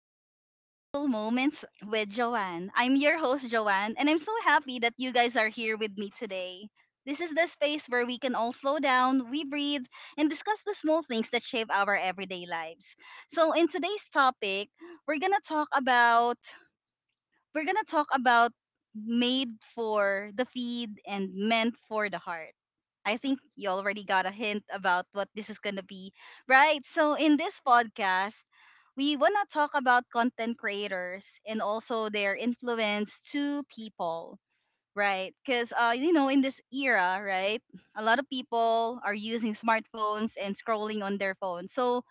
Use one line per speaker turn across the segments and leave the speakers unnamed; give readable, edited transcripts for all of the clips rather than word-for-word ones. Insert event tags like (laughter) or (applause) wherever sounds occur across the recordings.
and welcome to Mindful Moments with Joanne. I'm your host, Joanne, and I'm so happy that you guys are here with me today. This is the space where we can all slow down, we breathe, and discuss the small things that shape our everyday lives. So, in today's topic, we're gonna talk about we're gonna talk about made for the feed and meant for the heart. I think you already got a hint about what this is gonna be, right? So in this podcast, we wanna talk about content creators and also their influence to people, right? Because in this era, right, a lot of people are using smartphones and scrolling on their phones. So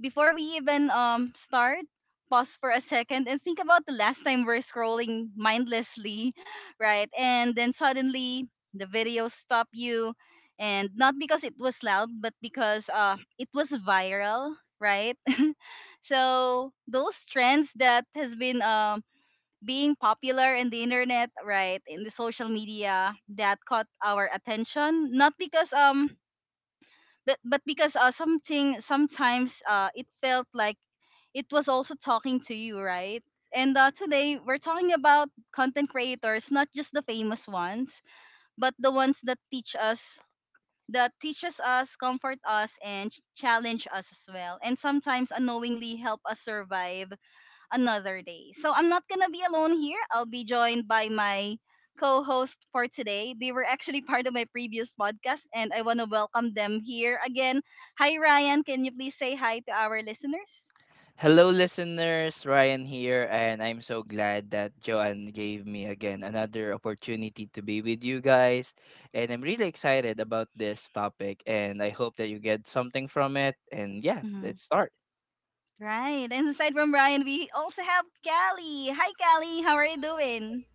before we even start, pause for a second and think about the last time we're scrolling mindlessly, (laughs) right? And then suddenly the video stopped you, and not because it was loud, but because it was viral, right? (laughs) So those trends that has been being popular in the internet, right, in the social media that caught our attention, not because but because something, sometimes it felt like it was also talking to you, right? And today we're talking about content creators, not just the famous ones, but the ones that teach us, that teaches us, comfort us, and challenge us as well, and sometimes unknowingly help us survive another day. So I'm not gonna be alone here. I'll be joined by my co-host for today. They were actually (laughs) part of my previous podcast, and I want to welcome them here again. Hi, Ryan. Can you please say hi to our listeners?
Hello, listeners. Ryan here, and I'm so glad that Joanne gave me again another opportunity to be with you guys. And I'm really excited about this topic, and I hope that you get something from it. And yeah, let's start.
Right. And aside from Brian, we also have Callie. Hi, Callie. How are you doing?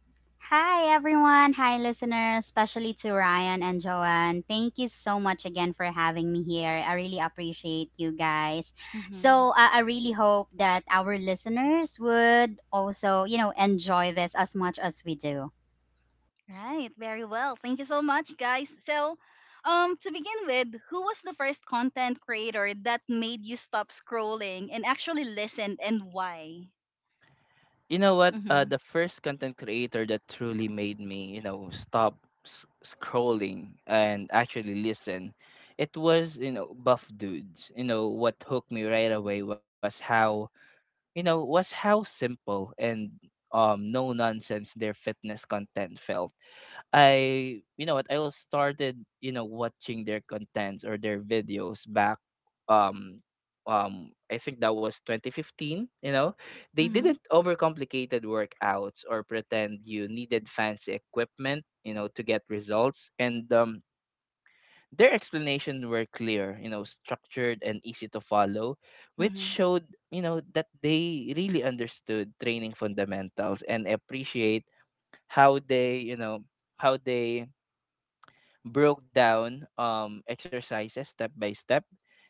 Hi, everyone. Hi, listeners, especially to Ryan and Joanne. Thank you so much again for having me here. I really appreciate you guys.
Hmm.
So, I really hope that our listeners would also, enjoy this as much as we do.
Right. Very well. Thank you so much, guys. So, to begin with, who was the first content creator that made you stop scrolling and actually listened, and why?
You know what? Uh,
Mm-hmm.
the first content creator that truly made me stop scrolling and actually listen, it was Buff Dudes. What hooked me right away was was how simple and no nonsense their fitness content felt. I was started watching their contents or their videos back um I think that was 2015. They
Mm-hmm.
didn't overcomplicated workouts or pretend you needed fancy equipment to get results, and their explanations were clear structured and easy to follow, which
Mm-hmm.
showed that they really understood training fundamentals, and appreciate how they, you know, how they broke down exercises step by step,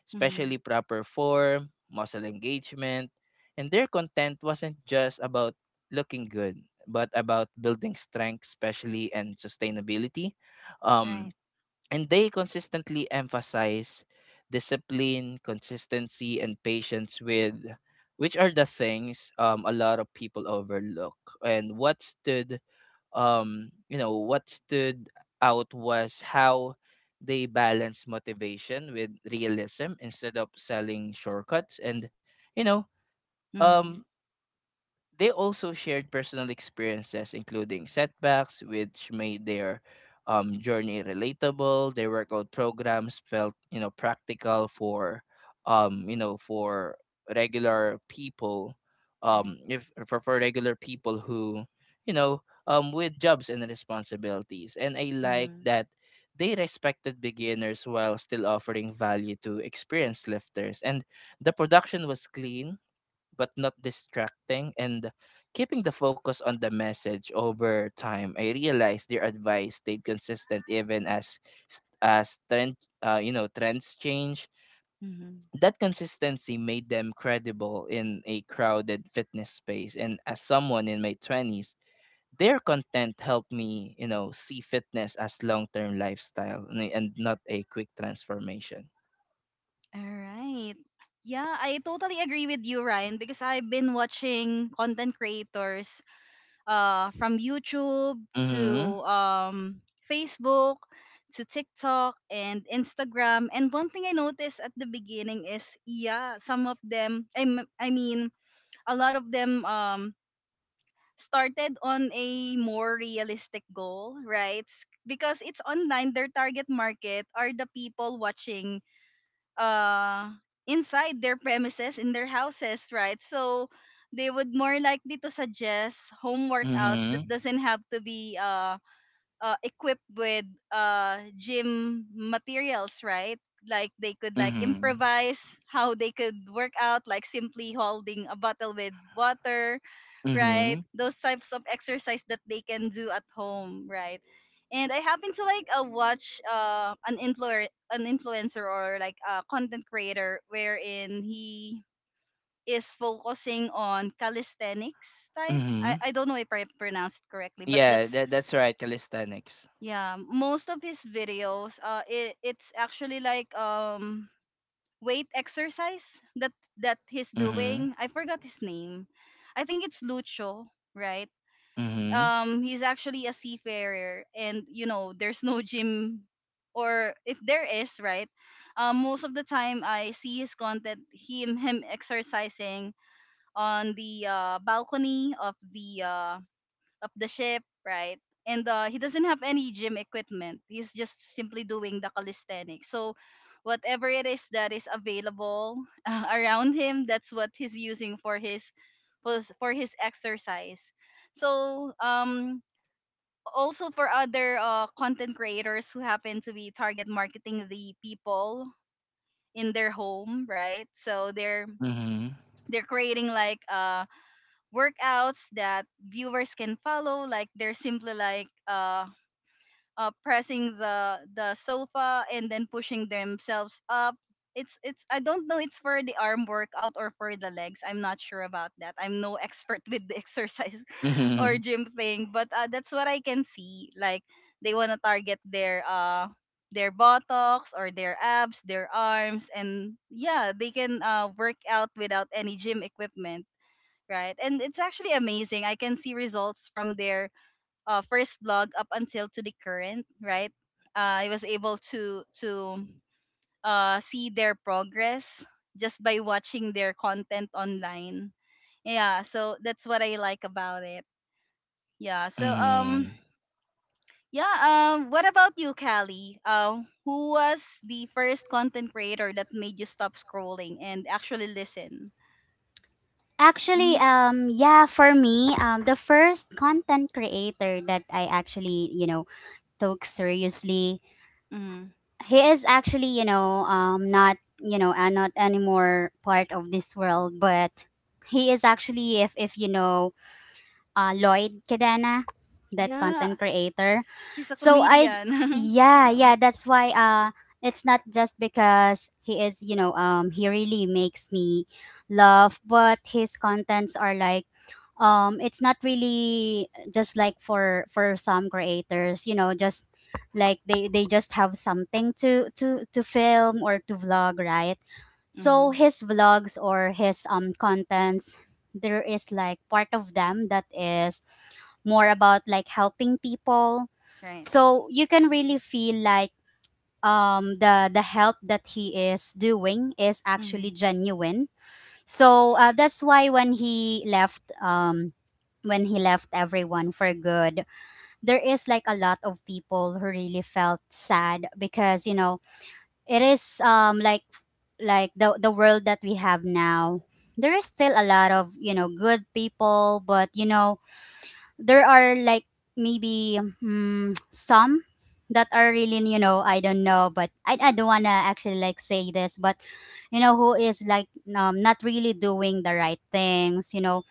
especially
Mm-hmm.
proper form, muscle engagement, and their content wasn't just about looking good, but about building strength, especially and sustainability. Um
Right.
and they consistently emphasize discipline, consistency, and patience with which are the things, a lot of people overlook. And what stood out was how they balance motivation with realism instead of selling shortcuts. You know,
Mm-hmm.
um they also shared personal experiences, including setbacks, which made their journey relatable. Their workout programs felt practical for regular people,
Right.
if for, for regular people who, with jobs and responsibilities. And I like
Mm-hmm.
that they respected beginners while still offering value to experienced lifters. And the production was clean but not distracting, and keeping the focus on the message. Over time, I realized their advice stayed consistent even as trends change.
Mm-hmm.
That consistency made them credible in a crowded fitness space, and as someone in my 20s, their content helped me see fitness as long-term lifestyle and not a quick transformation.
All right. Yeah, I totally agree with you, Ryan, because I've been watching content creators from YouTube to
Mhm.
um, Facebook to TikTok and Instagram. And one thing I noticed at the beginning is, yeah, some of them, I mean, a lot of them started on a more realistic goal, right? Because it's online, their target market are the people watching uh inside their premises in their houses, right? So they would more likely to suggest home workouts that
Mhm.
doesn't have to be equipped with gym materials, right? Like they could like
Mhm.
improvise how they could work out, like simply holding a bottle with water, right?
Mhm.
Those types of exercise that they can do at home, right? And I happen to like watch an influencer or like a content creator wherein he is focusing on calisthenics type.
Mhm.
I don't know if I pronounced it correctly, but
Yeah,
that's
that's right, calisthenics.
yeah. Most of his videos, it's actually like weight exercise that he's
Mhm.
doing. I forgot his name. I think it's Lucho, right?
Mhm.
Um, he's actually a seafarer, and you know there's no gym, or if there is, right, most of the time I see his content, him exercising on the balcony of the ship, right? And he doesn't have any gym equipment. He's just simply doing the calisthenics. So whatever it is that is available (laughs) around him, that's what he's using for his for his exercise. So also for other content creators who happen to be target marketing the people in their home, right? So
Mhm.
they're creating like workouts that viewers can follow, like they're simply like pressing the sofa and then pushing themselves up. It's I don't know, it's for the arm workout or for the legs. I'm not sure about that. I'm no (laughs) expert with the (laughs) exercise or
Mhm.
gym thing, but that's what I can see. Like they want to target their buttocks or their abs, their arms, and yeah, they can work out without any gym equipment, right? And it's actually amazing. I can see results from their first blog up until to the current, right? I was able to see their progress just by watching their content online, yeah. So that's what I like about it, yeah. So
Mhm.
yeah, what about you, Callie? Who was the first content creator that made you stop scrolling and actually listen?
Actually, yeah, for me, the first content creator that I actually, took seriously,
Mm-hmm.
he is actually, not, and not anymore part of this world, but he is actually, if you know, Lloyd Cadena, that content
Yeah,
creator.
he's a
So I
comedian. (laughs)
yeah,
Yeah.
that's why, it's not just because he is, he really makes me laugh, but his contents are like, it's not really just like, for some creators, you know, just like they just have something to to film or to vlog, right?
Mm-hmm.
So his vlogs or his contents, there is like part of them that is more about like helping people,
Right.
so you can really feel like the help that he is doing is actually
Mm-hmm.
genuine. So that's why when he left, everyone for good, there is like a lot of people who really felt sad, because you know it is like the world that we have now. There is still a lot of, you know, good people, but you know there are like maybe, (tsk) some that are really, you know, I don't know, but I don't want to actually like say this, but you know, who is like not really doing the right things, you know.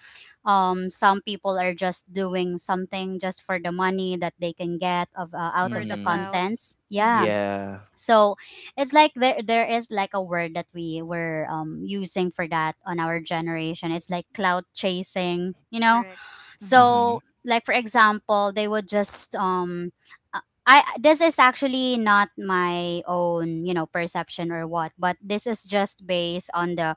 Some people are just doing something just for the money that they can get of, out
For
of
the
the
Mhm.
clout.
contents, yeah.
Mm-hmm.
Yeah.
So it's like, there is like a word that we were using for that on our generation, it's like cloud chasing, you know.
Correct. Mm-hmm.
Mhm.
So, like for example, they would just uh, I, this is actually not my own, you know, perception or what, but this is just based on the,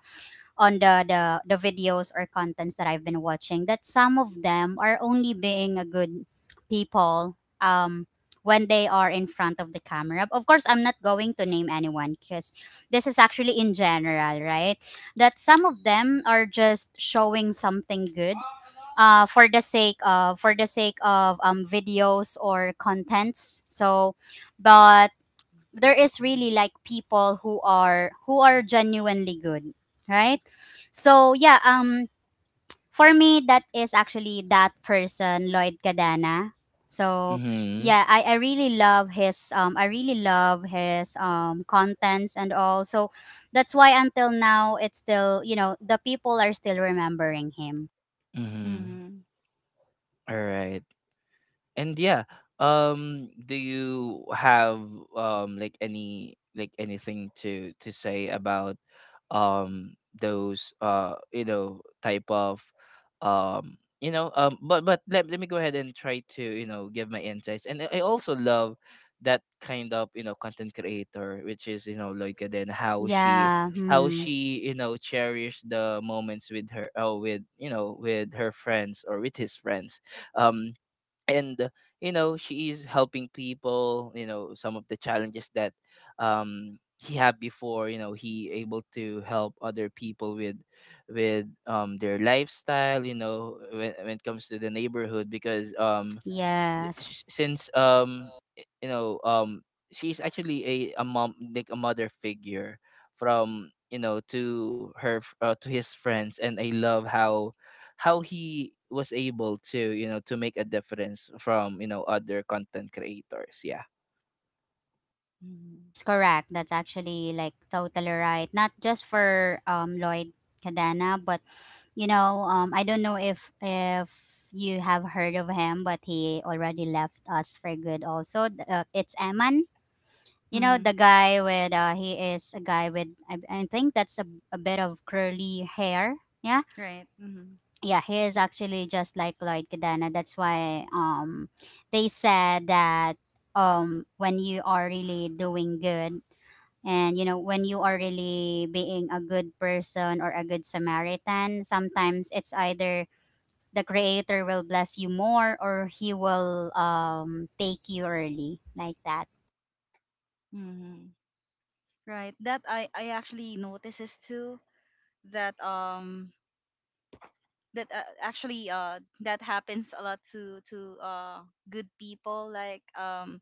the videos or contents that I've been watching, that some of them are only being a good people when they are in front of the camera. Of course, I'm not going to name anyone because this is actually in general, right? That some of them are just showing something good for the sake of videos or contents, so, but there is really like people who are, genuinely good, right? So yeah, for me, that is actually that person, Lloyd Cadana. So
Mhm.
yeah, I really love his I really love his contents and all. So that's why until now, it's still, you know, the people are still remembering him,
Mhm.
Mm-hmm.
All right. And yeah, do you have like anything to say about those, type of But let me go ahead and try to give my insights. And I also love that kind of content creator, which is Loika. Then
yeah.
how
Hmm.
she cherished the moments with her oh with you know with her friends, or with his friends. um and she is helping people, some of the challenges that he had before he able to help other people with their lifestyle, when it comes to the neighborhood, because y-
Yes,
s- since y- you know she's actually a mom, like a mother figure from you know to her to his friends. And I love how he was able to make a difference from other content creators. Yeah.
Mm-hmm.
that's correct. That's actually like totally right. Not just for Lloyd Cadena, but you know, I don't know if you have heard of him, but he already left us for good. Also, it's Eman. You know, the
Mm-hmm.
guy with I think that's a bit of curly hair. Yeah,
Right. Mm-hmm.
yeah, he is actually just like Lloyd Cadena. That's why they said that when you are really doing good, and you know when you are really being a good person or a good Samaritan, sometimes it's either the creator will bless you more, or he will take you early like that.
Mm-hmm. Right. That I actually notices too that actually that happens a lot to good people, like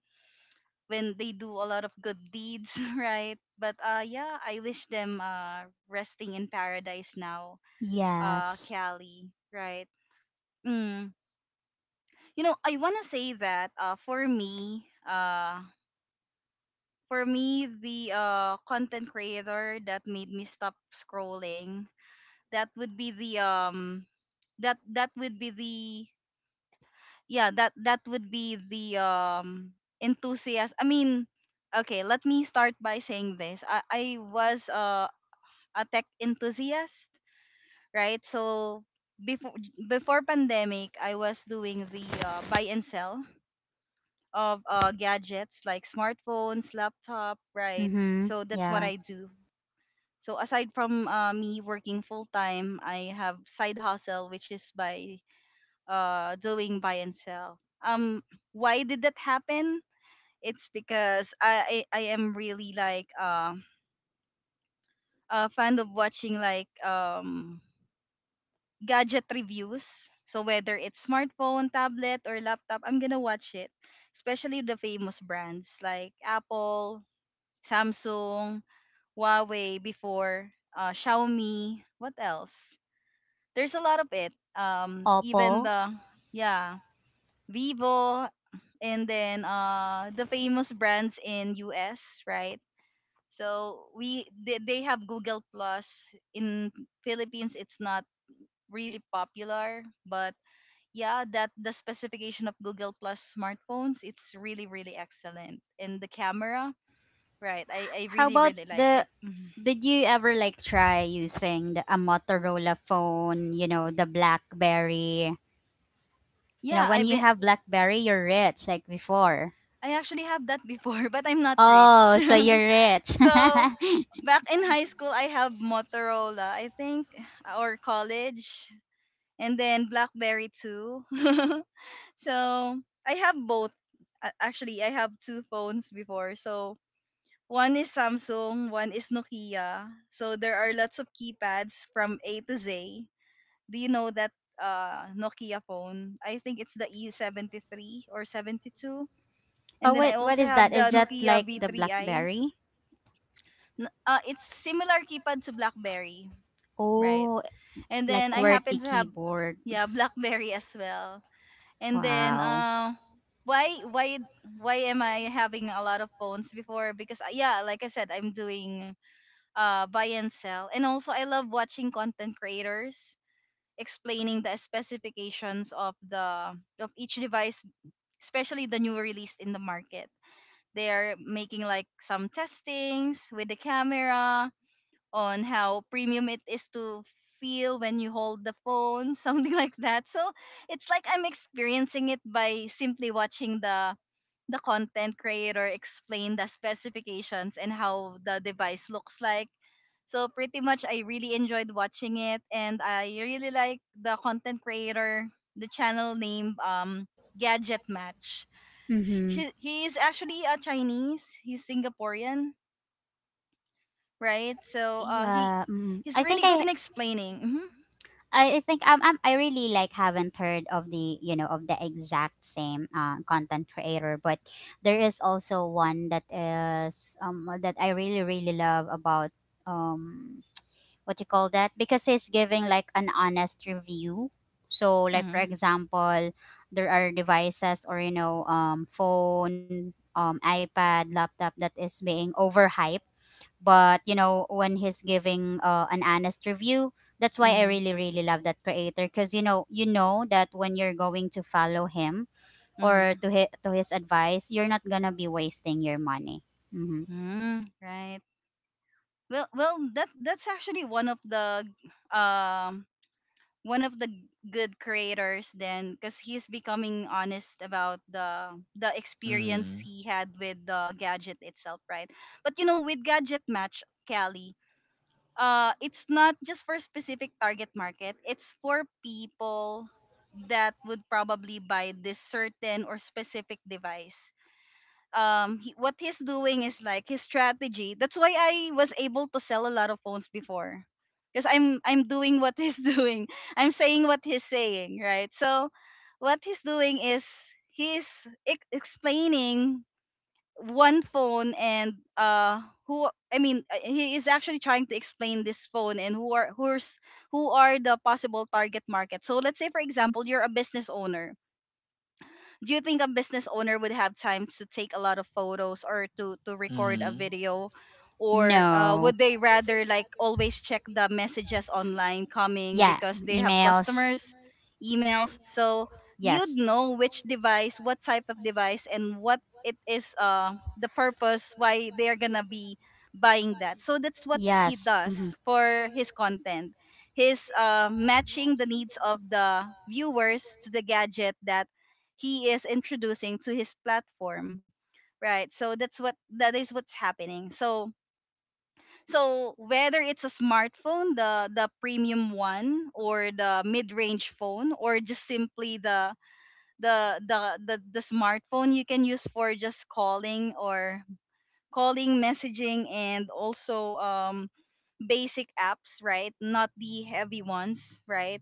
when they do a lot of good deeds, (laughs) right? But yeah, I wish them resting in paradise now,
Yes.
cali, right? Mm. You know, I want to say that for me the content creator that made me stop scrolling, that would be the that that would be the yeah that that would be the enthusiast. I mean, okay, let me start by saying this. I was a tech enthusiast, right? So before, before pandemic, I was doing the buy and sell of gadgets like smartphones, laptop, right?
Mhm.
So that's what
Yeah.
I do. So aside from me working full time, I have side hustle, which is by doing buy and sell. Um, why did that happen? It's because I am really like a fan of watching like gadget reviews. So whether it's smartphone, tablet, or laptop, I'm gonna watch it. Especially the famous brands like Apple, Samsung, Huawei before, Xiaomi. What else? There's a lot of it.
Opo.
Even the yeah Vivo, and then the famous brands in US, right? So we they have Google Plus in Philippines. It's not really popular, but yeah, that the specification of Google Plus smartphones, it's really really excellent. And the camera, right? I
How
really
about
really like
the,
it. Mhm.
did you ever like try using the, a Motorola phone, you know, the BlackBerry? You know,
Yeah,
when
I've
you
been
have BlackBerry, you're rich like before.
I actually have that before, (laughs) but I'm not rich.
Oh, so
(laughs)
you're rich.
So back in high school, I have Motorola, I think, or college, and then BlackBerry too. (laughs) So I have both. Actually, I have two phones before. So one is Samsung, one is Nokia. So there are lots of keypads from A to Z. Do you know that Nokia phone? I think it's the E73 or 72.
(laughs)
And
Oh,
then I
wait, what
also
is
have
that?
the
Is that
Nokia
like the
V3i.
BlackBerry?
It's similar keypad to BlackBerry, right?
Oh,
And
like
then I happen
QWERTY
to have
keyboard.
yeah, BlackBerry as well. And then
Wow.
why why why am I having a lot of phones before? Because yeah, like I said, I'm doing buy and sell. And also I love watching content creators explaining the specifications of the of each device, especially the new release in the market. They're making like some testings with the camera, on how premium it is to feel when you hold the phone, (laughs) something like that. So it's like I'm experiencing it by simply watching the content creator explain the specifications and how the device looks like. So pretty much I really enjoyed watching it, and I really like the content creator, the channel name, Gadget Match.
Mhm.
He is actually a Chinese. He's Singaporean, right? So
Yeah, mm.
he's
I think
really good
I,
in explaining.
think, am I really like haven't heard of the, you know, of the exact same content creator, but there is also one that is that I really really love about, um what you call that, because he's giving like an honest review. So like
Hmm.
for
Hmm.
example, there are devices, or you know, phone, iPad, laptop, that is being overhyped, but you know when he's giving an honest review, that's why I really
Hmm.
really love that creator, because you know, you know that when you're going to follow him, or
Hmm.
to his advice, you're not gonna be wasting your money. Hmm.
Mm. Right. Well, well, that that's actually um one of the good creators then, because he's becoming honest about the experience
Mm.
he had with the gadget itself, right? But you know, with Gadget Match, Callie, it's not just for specific target market, it's for people that would probably buy this certain or specific device. Um, he, what he's doing is like his strategy. That's why I was able to sell a lot of phones before, because I'm doing what he's (laughs) doing, I'm saying what he's saying, right? So what he's doing is he's explaining one phone, and who I mean, he is actually trying to explain this phone and who are who are the possible target market. So let's say for example you're a business owner. Do you think a business owner would have time to take a lot of photos or to record a
Mhm.
video? Or
No.
would they rather like always check the messages online coming
Yeah.
because they have
Emails.
customers, emails. So you'd
Yes.
know which device, what type of device and what it is, the purpose why they're gonna be buying that. So that's what he
Yes.
does
Mhm.
for his content. He's matching the needs of the viewers to the gadget that he is introducing to his platform, right? So that's what, that is what's happening. So so whether it's a smartphone, the premium one or the mid-range phone, or just simply the the smartphone you can use for just calling, or calling, messaging, and also basic apps, right? Not the heavy ones, right?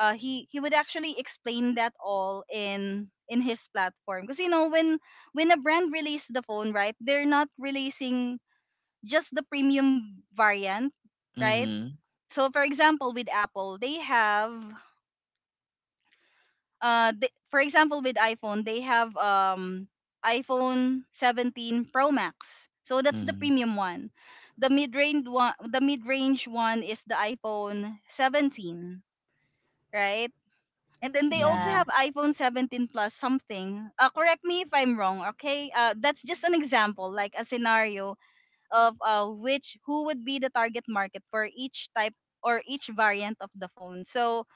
He would actually explain that all in his platform, because you know when a brand release the phone, right, they're not releasing just the premium variant, right?
Mhm.
So for example with Apple they have, for example with iPhone they have, iPhone 17 Pro Max, so that's the premium one. The mid-range one, the mid-range one is the iPhone 17, right? And then they also
Mhm.
have
Yeah.
iPhone 17 plus something. Correct me if I'm wrong, okay? That's just an example, like a scenario of which, who would be the target market for each type or each variant of the phone. So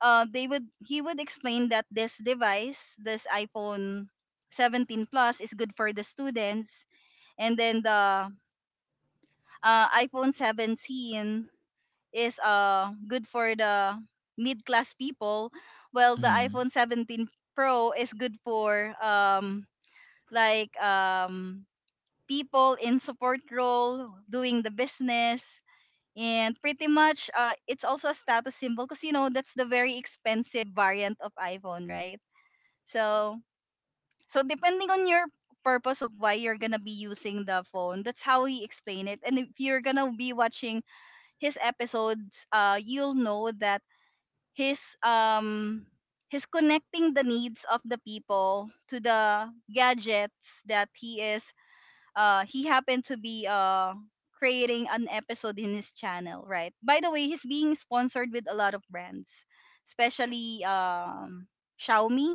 they would he would explain that this device, this iPhone 17 plus, is good for the students, and then the iPhone 17 is good for the mid-class people, while the
Mhm.
iPhone 17 Pro is good for like people in support role doing the business. And pretty much it's also a status symbol, because you know that's the very expensive variant of iPhone, right? So so depending on your purpose of why you're gonna be using the phone, that's how he explained it. And if you're gonna be watching his episodes, you'll know that he's um he's connecting the needs of the people to the gadgets that he is he happened to be creating an episode in his channel, right? By the way, he's being sponsored with a lot of brands, especially Xiaomi,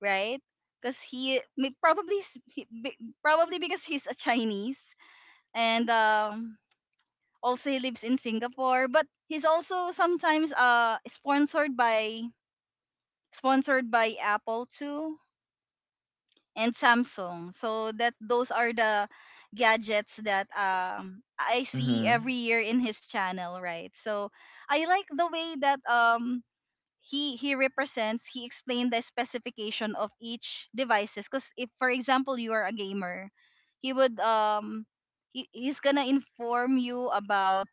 right? Because he may- probably s- he- be- probably because he's a Chinese, and also he lives in Singapore. But he's also sometimes sponsored by sponsored by Apple too, and Samsung. So that, those are the gadgets that I see
Mhm.
every year in his channel, right? So I like the way that he represents, he explained the specification of each devices, cuz if for example you are a gamer, he would he's gonna inform you about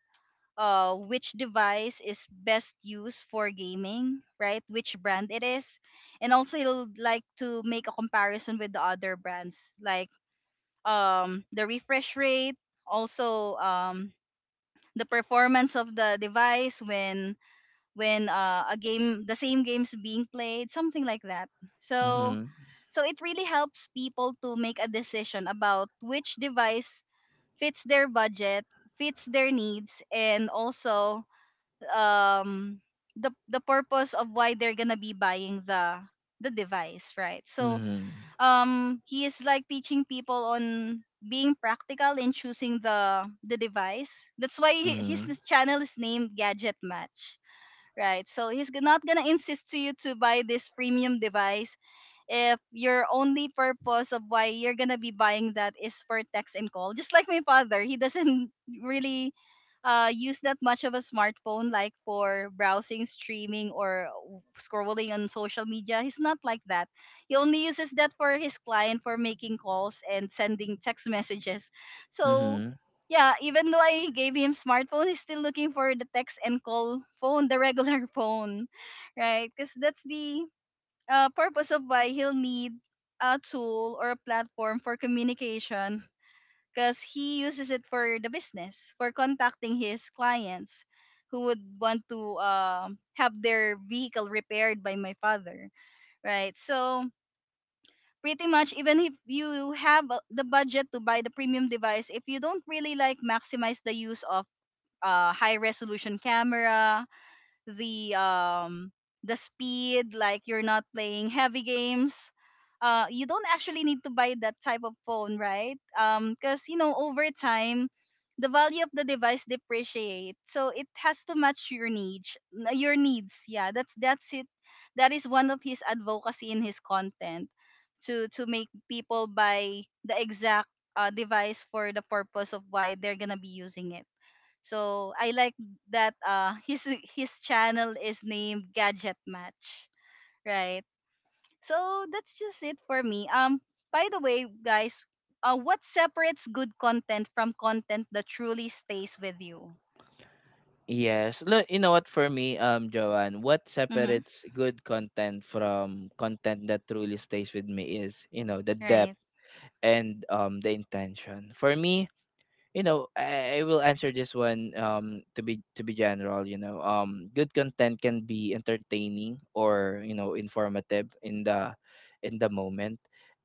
which device is best used for gaming, right? Which brand it is, and also he'll like to make a comparison with the other brands, like the refresh rate, also the performance of the device when a game, the same game's being played, something like that. So
Mhm.
so it really helps people to make a decision about which device fits their budget, fits their needs, and also um the purpose of why they're gonna be buying the device, right? So
Mhm.
he is like teaching people on being practical in choosing the device. That's why
Mhm.
his
Mhm.
channel is named Gadget Match, right? So not gonna insist to you to buy this premium device if your only purpose of why you're gonna be buying that is for text and call, just like my father. He doesn't (laughs) really use that much of a smartphone, like for browsing, streaming, or scrolling on social media. He's not like that. He only uses that for his client, for making calls and sending text (laughs) messages. So
Mhm.
yeah, even though I gave him smartphone, he's still looking for the text and call phone, the regular (laughs) phone, right? Because that's the purpose of why he'll need a tool or a platform for communication, because he uses it for the business, for contacting his clients who would want to have their vehicle repaired by my father, right? So pretty much, even if you have the budget to buy the premium device, if you don't really like maximize the use of high resolution camera, the um the speed, like you're not playing heavy games, you don't actually need to buy that type of phone, right? Because you know over time the value of the device depreciate, so it has to match your needs. Your needs, yeah, that's it. That is one of his advocacy in his content, to make people buy the exact device for the purpose of why they're gonna be using it. So I like that (laughs) his channel is named Gadget Match, right? So that's just it for me. By the way, guys, what separates good content from content that truly stays with you?
Yes. Look, you know what, for me, Joanne, what
Mhm.
separates good content from content that truly stays with me is the depth
Right.
and the intention. For me, I will answer this one to be general. Good content can be entertaining or informative in the moment.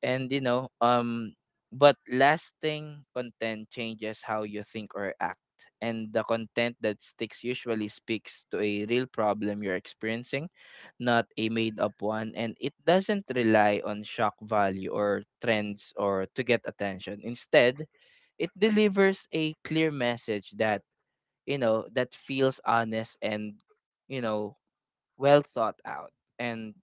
And you know um but lasting content changes how you think or act, and the content that sticks usually speaks to a real problem you're experiencing, not a made up one. And it doesn't rely on shock value or trends or to get attention. Instead, it delivers a clear message that feels honest and you know well thought out, and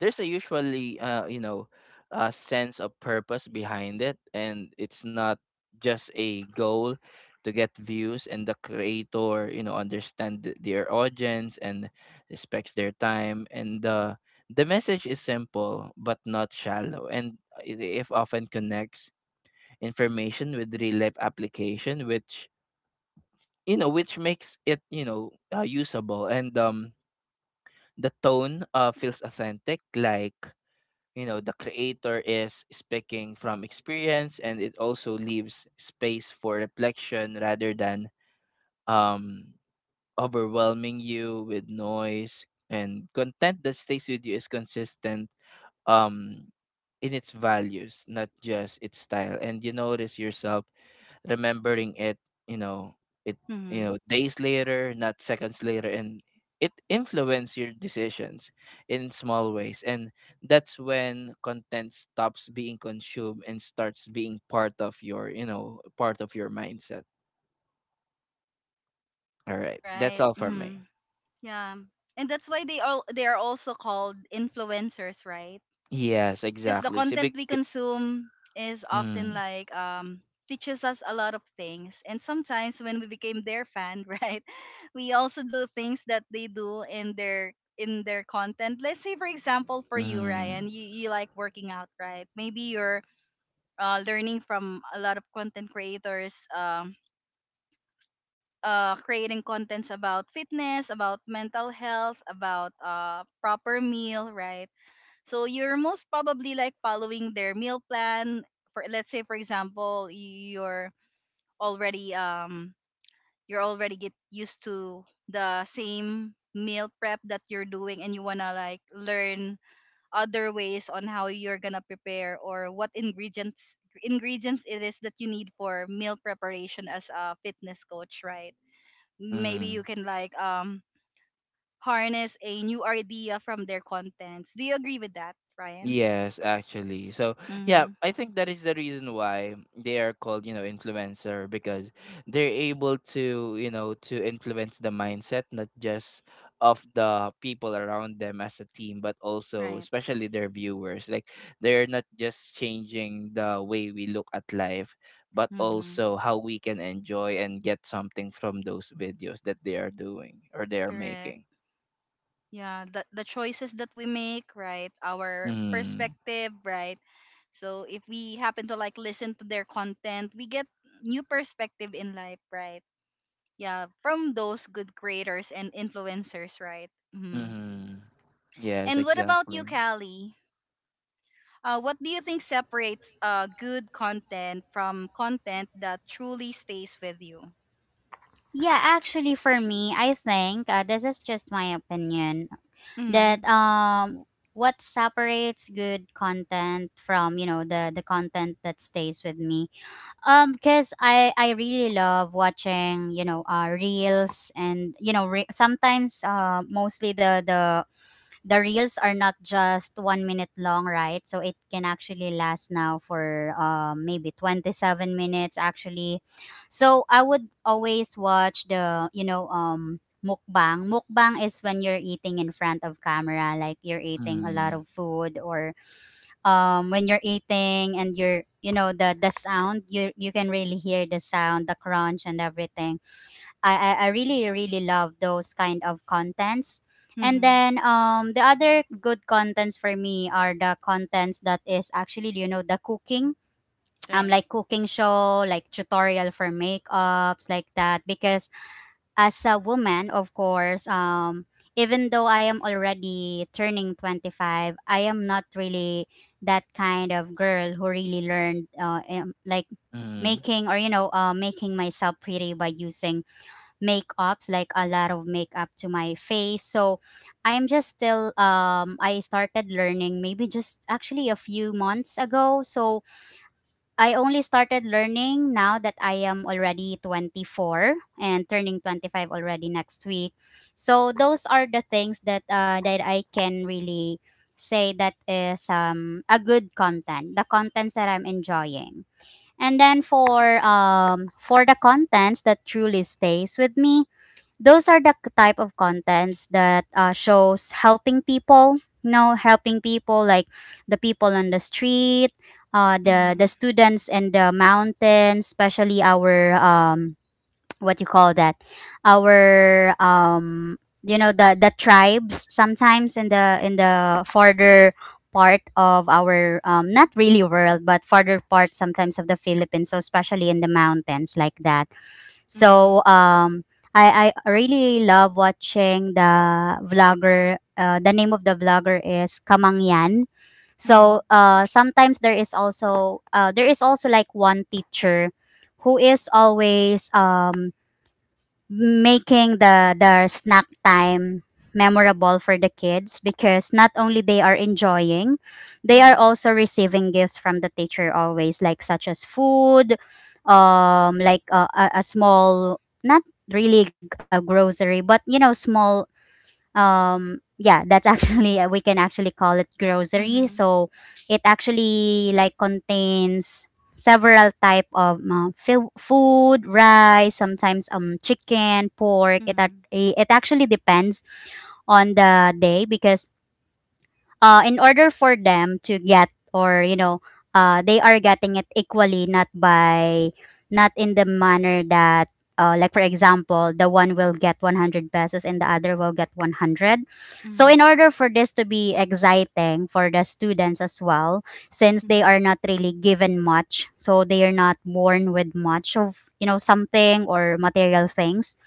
there's a usually a sense of purpose behind it, and it's not just a goal to get views. And the creator understand their audience and respects their time, and the message is simple but not shallow, and if often connects information with real life application, which makes it usable. And the tone feels authentic, like the creator is speaking from experience, and it also leaves space for reflection rather than um overwhelming you with noise. And content that stays with you is consistent um in its values, not just its style, and you notice yourself remembering it, you know, it
Mhm.
days later, not seconds later, and it influences your decisions in small ways. And that's when content stops being consumed and starts being part of your mindset. All right. That's
Right.
all for me.
Mhm. Yeah. And that's why they all they are also called influencers, right?
Yes,
Because the
exactly. So, big,
content we
big,
consume is often
mm,
like teaches us a lot of things, and sometimes when we became their fan (laughs) right, we also do things that they do in their content. Let's say, for example, for you, Ryan,
mm,
you like working out, right? Maybe you're learning from a lot of content creators, creating contents about fitness, about mental health, about proper meal, right? So you're most probably like following their meal plan. For let's say, for example, already um you're already get used to the same meal prep that you're doing, and you wanna like learn other ways on how you're gonna prepare, or what ingredients, ingredients it is that you need for meal preparation as a fitness coach, right? Maybe
mm.
you can like harness a new idea from their contents. Do you agree with that, Ryan?
Yes, actually. So, yeah,
Mm-hmm.
I think that is the reason why they are called influencer, because they're able to, influence the mindset not just of the people around them as a team, but also
Right.
especially their viewers. Like, they're not just changing the way we look at life, but
Mm-hmm.
also how we can enjoy and get something from those videos that they are doing or they are
Correct.
making.
Yeah, the choices that we make, right? Our
Mm-hmm.
perspective, right? So if we happen to like listen to their content, we get new perspective in life, right? Yeah, from those good creators and influencers, right? Hmm.
Mm-hmm. Yes,
And what about you,
exactly.
Callie? What do you think separates good content from content that truly stays with you?
Yeah, actually, for me, I think, this is just my opinion
Mm-hmm.
that, what separates good content from, you know, the content that stays with me, because I really love watching, you know, reels, and you know, sometimes, mostly the, reels are not just 1 minute long, right? So it can actually last now for, maybe 27 minutes, actually. So I would always watch the, you know, mukbang. Mukbang is when you're eating in front of camera, like you're eating a lot
Mm,
of food, or when you're eating, and you're, you know, the sound, you can really hear the sound, the crunch and everything. I really really love those kind of contents. And
Mm-hmm.
then the other good contents for me are the contents that is actually, you know, the cooking. (tsk)
Right.
Like cooking show, like tutorial for makeups, like that, because as a woman, of course, even though I am already turning 25, I am not really that kind of girl who really learned, like
mhm,
making, or you know, making myself pretty by using makeups, like a lot of makeup to my face. So I'm just still I started learning, maybe just actually a few months ago. So I only started learning now that I am already 24 and turning 25 already next week. So those are the things that, that I can really say that is a good content, the contents that I'm enjoying. And then for, for the contents that truly stays with me, those are the, type of contents that, shows helping people, you know, helping people like the people on the street,
Mm-hmm.
the students in the mountains, especially our (tsk) what you call that, our you know, the tribes, sometimes in the, in the farther part of our, not really world, but farther part sometimes of the Philippines, so especially in the mountains like that. So
Mm-hmm.
I really love watching the vlogger. The name of the vlogger is Kamangyan.
Mm-hmm.
So sometimes there is also, like one teacher who is always, making the snack time memorable for the kids, because not only they are enjoying, they are
Mm-hmm.
also receiving gifts from the teacher always, like such as food, a small, not really a grocery, but you know, small, yeah, that's actually (laughs) we can actually call it grocery.
Mm-hmm.
So it actually like contains several type of, food, rice, sometimes, chicken, pork.
Mm-hmm.
It actually depends on the day, because, in order for them to get, or you know, they are getting it equally, not by, not in the manner that, like for example, the one will get 100 pesos, and the other will get 100. So in
Mhm.
order for this to be exciting for the students as well, since they are
Mhm.
not really given much, so they are not born with much of, you know, something or material things,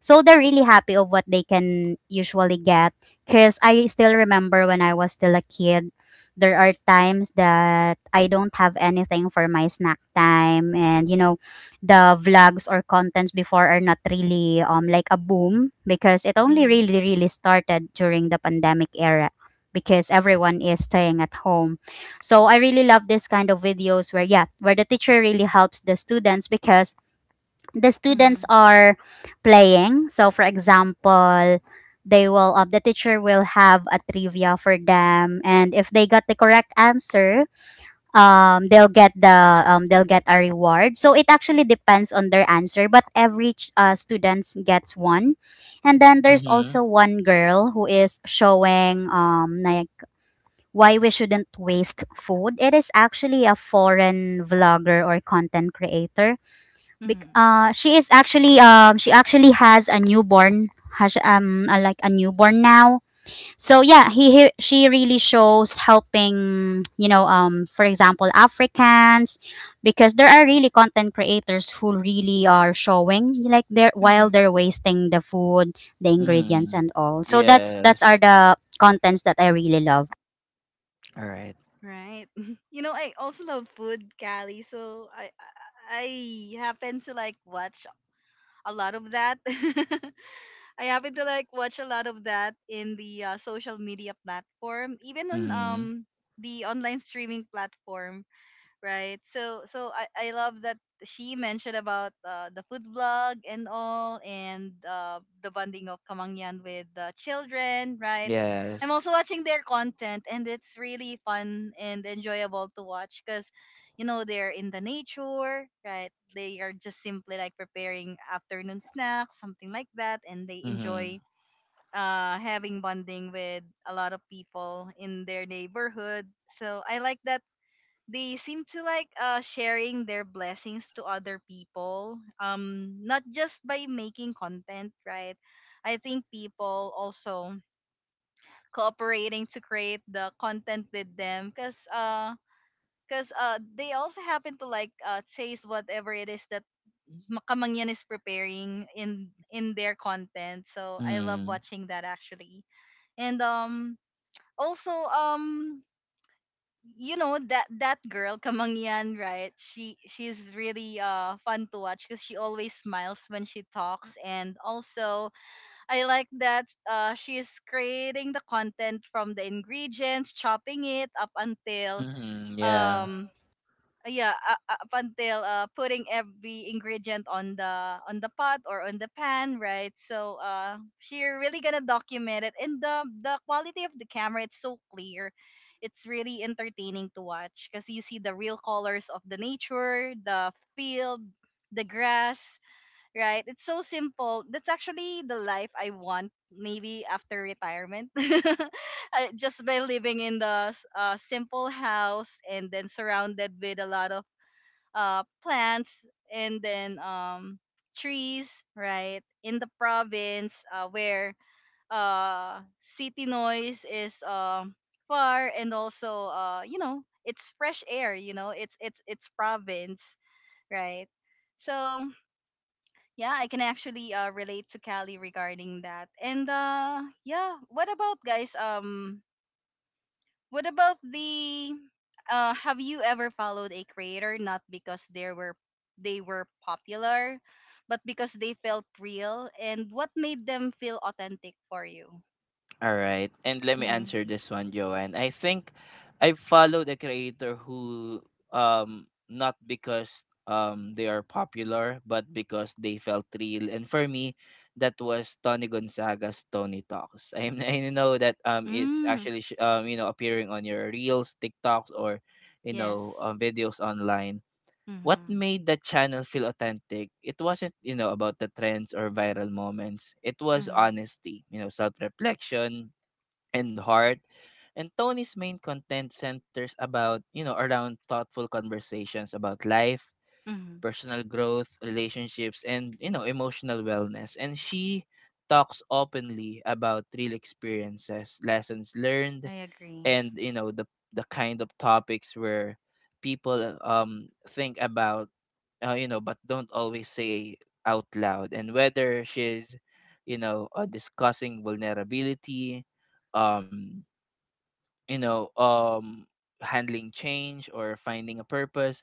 so they're really happy of what they can usually get. Cause I still remember when I was still a kid, there are times that I don't have anything for my snack time, and you know, the vlogs or contents before are not really, like a boom, because it only
Mhm.
really really started during the pandemic era, because everyone is staying at home. So I really love this kind of videos where, yeah, where the teacher really helps the students, because the students
Mhm.
are playing. So, for example, they will, the teacher will have a trivia for them, and if they got the correct answer, they'll get a reward. So it actually depends on their answer, but every, students gets one. And then there's
mhm,
also one girl who is showing like why we shouldn't waste food. It is actually a foreign vlogger or content creator.
Mhm.
She is actually she actually has a newborn, has a, like, a newborn now. So yeah, he she really shows helping, for example, Africans, because there are really content creators who really are showing like they're, while
Mhm.
they're wasting the food, the ingredients
mhm.
and all. So that's are
Yes.
the contents that I really love.
Alright.
Right. (laughs) You know, I also love food, Callie. So I happen to like watch a lot of that. (laughs) I happen to like watch a lot of that in the social media platform, even on
Mhm.
the online streaming platform. Right, so so I love that she mentioned about the food blog and all, and the bonding of Kamangyan with the children, right? I'm
Yes.
also watching their content and it's really fun and enjoyable to watch because you know they're in the nature, right? They are just simply like preparing afternoon snacks, something like that, and they
Mhm.
enjoy having bonding with a lot of people in their neighborhood. So I like that they seem to like sharing their blessings to other people, not just by making content, right? I think people also cooperating to create the content with them, because they also happen to like taste whatever it is that Makamangyan is preparing in their content. So I love
Mm.
watching that actually. And also you know that girl Kamangyan, right? She's really fun to watch because she always smiles when she talks, and also I like that she's creating the content from the ingredients, chopping it up until
Mhm, yeah.
um yeah up until putting every ingredient on the pot or on the pan, right? So she really gonna document it, and the quality of the camera, it's so clear. It's really entertaining to watch because you see the real colors of the nature, the field, the grass, right? It's so simple. That's actually the life I want, maybe after retirement. (laughs) Just by living in the simple house, and then surrounded with a lot of plants, and then trees, right? In the province, where city noise is far, and also you know it's fresh air, you know it's province, right? So yeah, I can actually relate to cali regarding that. And yeah, what about guys, what about the have you ever followed a creator not because they were, they were popular, but because they felt real, and what made them feel authentic for you?
All right. And let me
Mhm.
answer this one, Joanne. I think I follow the creator who, not because they are popular, but because they felt real. And for me, that was Tony Gonzaga's Tony Talks. I (laughs) I know that it's
Mm,
actually appearing on your reels, TikToks, or
yes.
videos online. What
Mhm.
made that channel feel authentic? It wasn't about the trends or viral moments. It was
Mhm.
honesty, self reflection, and heart. And Tony's main content centers about, around thoughtful conversations about life,
Mhm.
personal growth, relationships, and, emotional wellness. And she talks openly about real experiences, lessons learned,
I agree.
and, the kind of topics where people think about, but don't always say out loud. And whether she's, discussing vulnerability, um, you know, um, handling change or finding a purpose,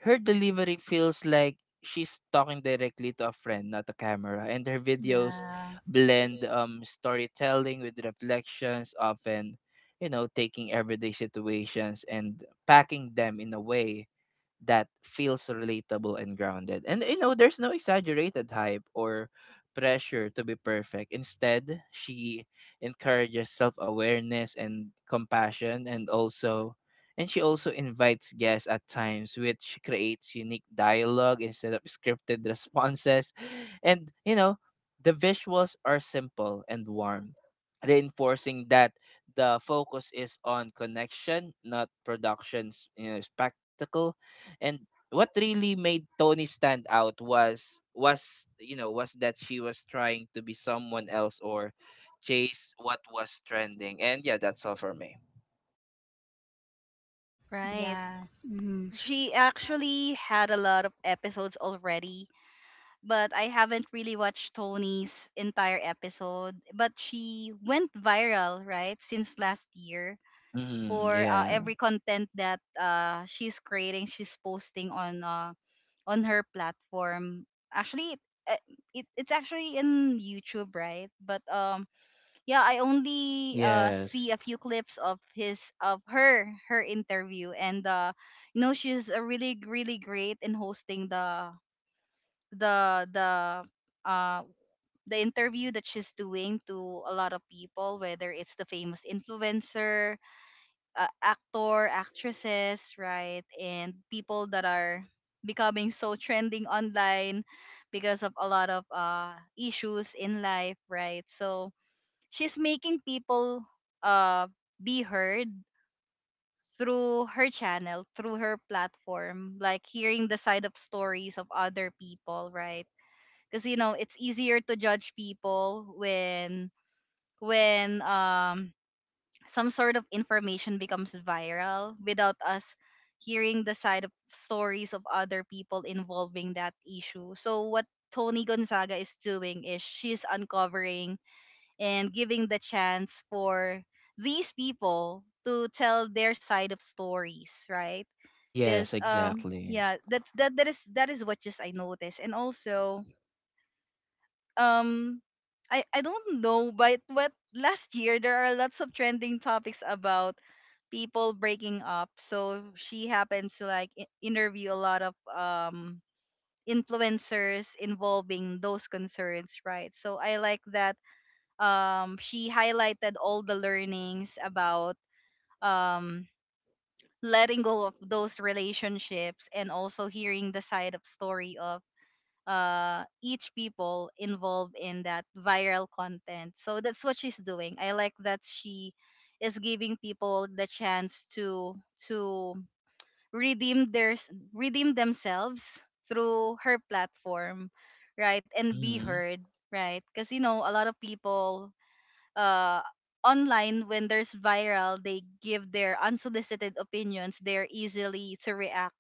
her delivery feels like she's talking directly to a friend, not a camera. And her videos
Yeah.
blend storytelling with reflections, often, taking everyday situations and packing them in a way that feels relatable and grounded. And there's no exaggerated hype or pressure to be perfect. Instead, she encourages self-awareness and compassion, and also and she also invites guests at times, which creates unique dialogue instead of scripted (laughs) responses. (sighs) And the visuals are simple and warm, reinforcing that the focus is on connection, not production's spectacle. And what really made Tony stand out was you know was that she was trying to be someone else or chase what was trending. And yeah, that's all for me.
Right.
Yes.
She actually had a lot of episodes already, but I haven't really watched Tony's entire episode, but she went viral, right, since last year
Mm,
for
yeah.
every content that she's creating, she's posting on her platform. Actually, uh, it it's actually in YouTube, right? But Yeah, I only see
Yes.
a few clips of his of her her interview, and she's a really great in hosting the uh the interview that she's doing to a lot of people, whether it's the famous influencer, actor, actresses, right? And people that are becoming so trending online because of a lot of issues in life, right? So she's making people uh, be heard through her channel, through her platform, like hearing the side of stories of other people, right? Because you know it's easier to judge people when when some sort of information becomes viral without us hearing the side of stories of other people involving that issue. So what Tony Gonzaga is doing is she's uncovering and giving the chance for these people to tell their side of stories, right?
Yes,
Because
exactly.
yeah, that's that that is what just I noticed. And also um I don't know, but what last year there are lots of trending topics about people breaking up. So she happens to like interview a lot of influencers involving those concerns, right? So I like that she highlighted all the learnings about um letting go of those relationships, and also hearing the side of story of each people involved in that viral content. So that's what she's doing. I like that she is giving people the chance to redeem themselves through her platform, right? And be
Mm-hmm.
heard, right? Because you know a lot of people uh online, when there's viral, they give their unsolicited opinions. They're easily to react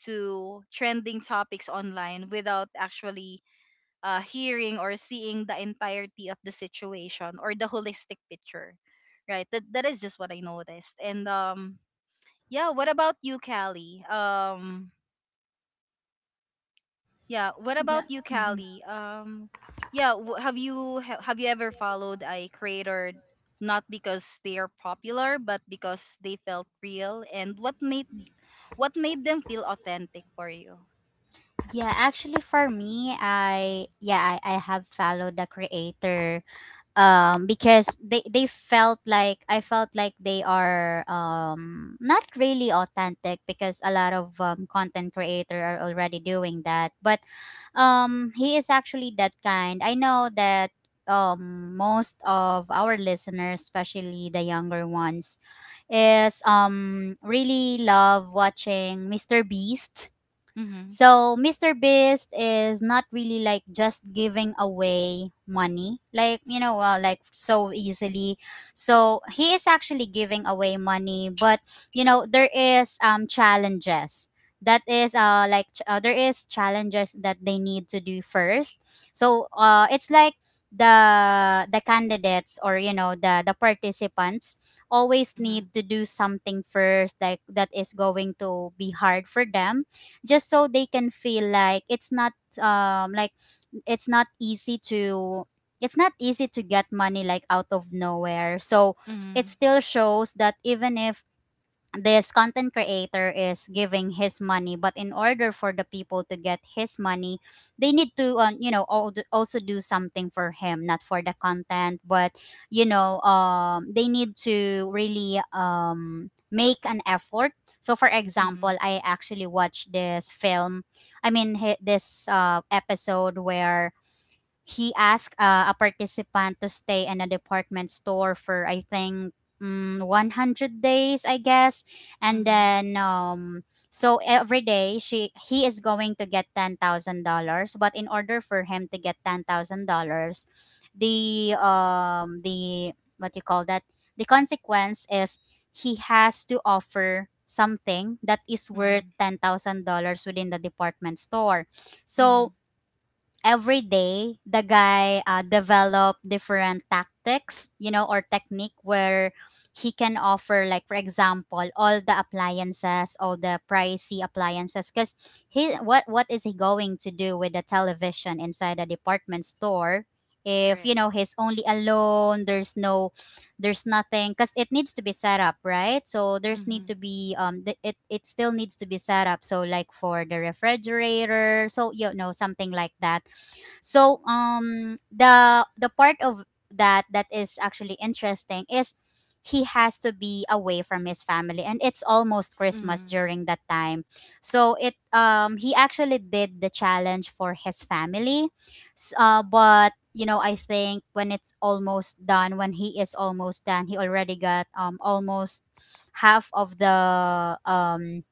to trending topics online without actually hearing or seeing the entirety of the situation or the holistic picture, right? That is just what I noticed. And um yeah what about you, Callie? Um yeah what
yeah.
about you
Mhm.
callie yeah w- have you ha- Have you ever followed a creator not because they are popular, but because they felt real? And what made them feel authentic for you?
Yeah, actually for me, I have followed the creator because they felt like, I felt like they are not really authentic, because a lot of content creator are already doing that. But he is actually that kind. I know that most of our listeners, especially the younger ones, is really love watching Mr. Beast.
Mhm.
So Mr. Beast is not really like just giving away money, like, you know, like, so easily. So he is actually giving away money, but you know there is challenges. That is there is challenges that they need to do first. So uh, it's like the candidates, or you know, the participants always
Mhm.
need to do something first, like that is going to be hard for them, just so they can feel like um like it's not easy to, it's not easy to get money like out of nowhere. So it
Mhm.
still shows that even if this content creator is giving his money, but in order for the people to get his money, they need to you know, also do something for him, not for the content, but you know, they need to really make an effort. So for
Mhm.
example, I actually watched this film I mean hi- this uh, episode where he asked a participant to stay in a department store for I think 100 days, I guess. And
Mhm.
then um, so every day she he is going to get $10,000. But in order for him to get $10,000, the, what you call that, the consequence is he has to offer something that is worth
Mhm.
$10,000 within the department store.
Mhm.
So every day the guy develop different tactics, you know, or technique, where he can offer, like for example, all the appliances, all the pricey appliances, because he what is he going to do with the television inside a department store if,
Correct.
you know, he's only alone. There's no, there's nothing, because it needs to be set up, right? So there's need to be it, it still needs to be set up, so like for the refrigerator, so you know, something like that. So the part of that, that is actually interesting is he has to be away from his family, and it's almost Christmas
Mm-hmm.
during that time. So it um, he actually did the challenge for his family. But you know, I think when it's almost done, when he is almost done, he already got almost half of the, um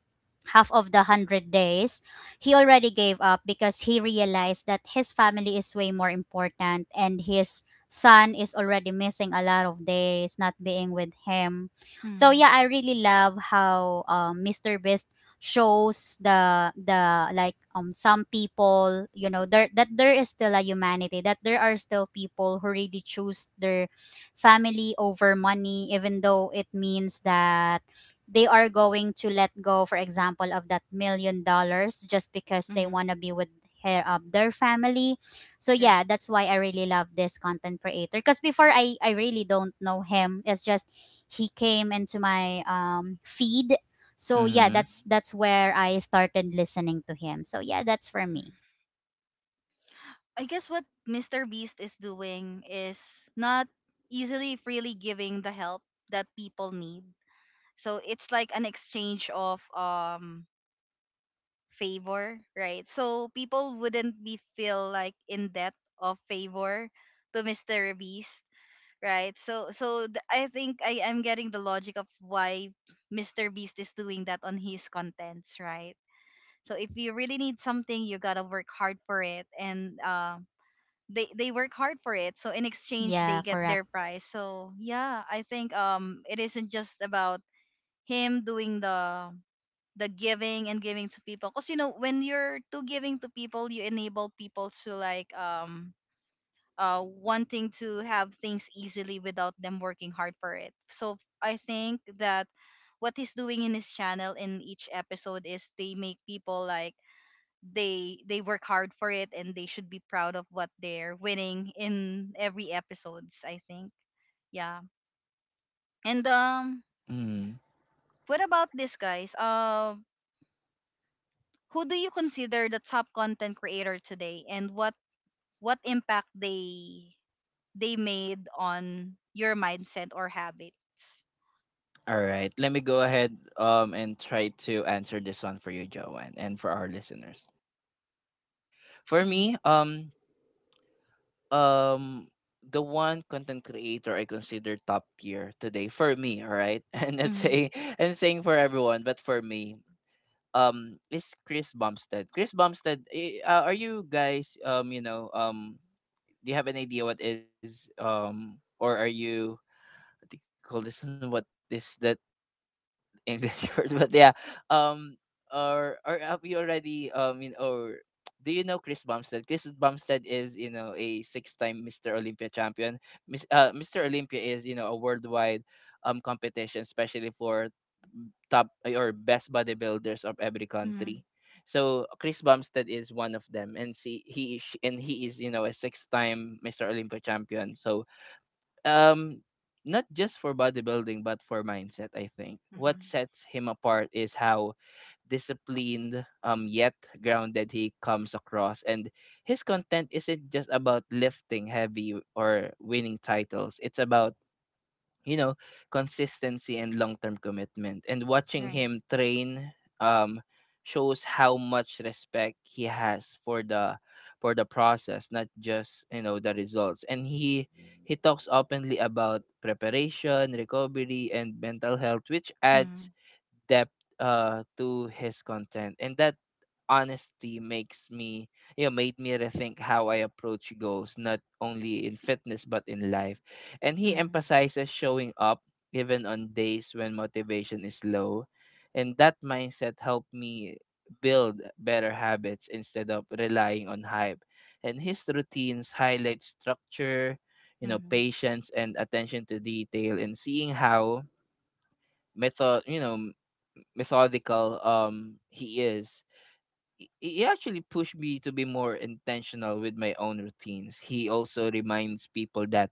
half of the 100 days, he already gave up because he realized that his family is way more important, and his son is already missing a lot of days not being with him. So
Mm-hmm.
yeah, I really love how Mr. Beast shows the like some people, you know, there, that there is still a humanity, that there are still people who really choose their family over money, even though it means that they are going to let go, for example, of that million dollars, just because they
Mm-hmm.
want to be with their family. So yeah,
Right.
that's why I really love this content creator, because before, I really don't know him. It's just he came into my feed. So yeah,
Mm-hmm.
that's where I started listening to him. So yeah, that's for me.
I guess what Mr. Beast is doing is not easily freely giving the help that people need. So it's like an exchange of favor, right? So people wouldn't be feel like in debt of favor to Mr. Beast, right? So I think I am getting the logic of why Mr. Beast is doing that on his contents, right? So if you really need something, you gotta work hard for it, and they work hard for it. So in exchange,
Yeah,
they get
correct.
their prize. So yeah, I think it isn't just about him doing the giving and giving to people, because you know when you're too giving to people, you enable people to like wanting to have things easily without them working hard for it. So I think that what he's doing in his channel in each episode is they make people like they work hard for it, and they should be proud of what they're winning in every episodes, I think. Yeah. And
Mm.
what about this, guys? Who do you consider the top content creator today, and what impact they made on your mindset or habits?
All right. Let me go ahead and try to answer this one for you, Joanne, and for our listeners. For
Hmm.
me, um the one content creator I consider top tier today for me, all right? (laughs) And let's
Hmm.
say and saying for everyone, but for me, is Chris Bumstead. Chris Bumstead, are you guys do you have an idea what is or are you, they call this one, what is that English (laughs) word? But yeah, um, or have you already in or do you know Chris Bumstead? Chris Bumstead is a six-time Mr. Olympia champion. Mr. Olympia is a worldwide competition, especially for top or best bodybuilders of every
Hmm.
country. So Chris Bumstead is one of them, and he is a six-time Mr. Olympia champion. So, um not just for bodybuilding but for mindset, I think
Hmm.
what sets him apart is how disciplined yet grounded he comes across, and his content isn't just about lifting heavy or winning titles. It's about you know, consistency and long-term commitment. And watching
Right.
him train um shows how much respect he has for the process, not just, the results. And he talks openly about preparation, recovery, and mental health, which
Mm-hmm.
adds depth to his content. And that honesty makes me you know made me rethink how I approach goals, not only in fitness but in life. And he
Hmm.
emphasizes showing up even on days when motivation is low. And that mindset helped me build better habits instead of relying on hype. And his routines highlight structure,
Hmm.
patience and attention to detail, and seeing how method, you know, methodical he is, he actually pushed me to be more intentional with my own routines. He also reminds people that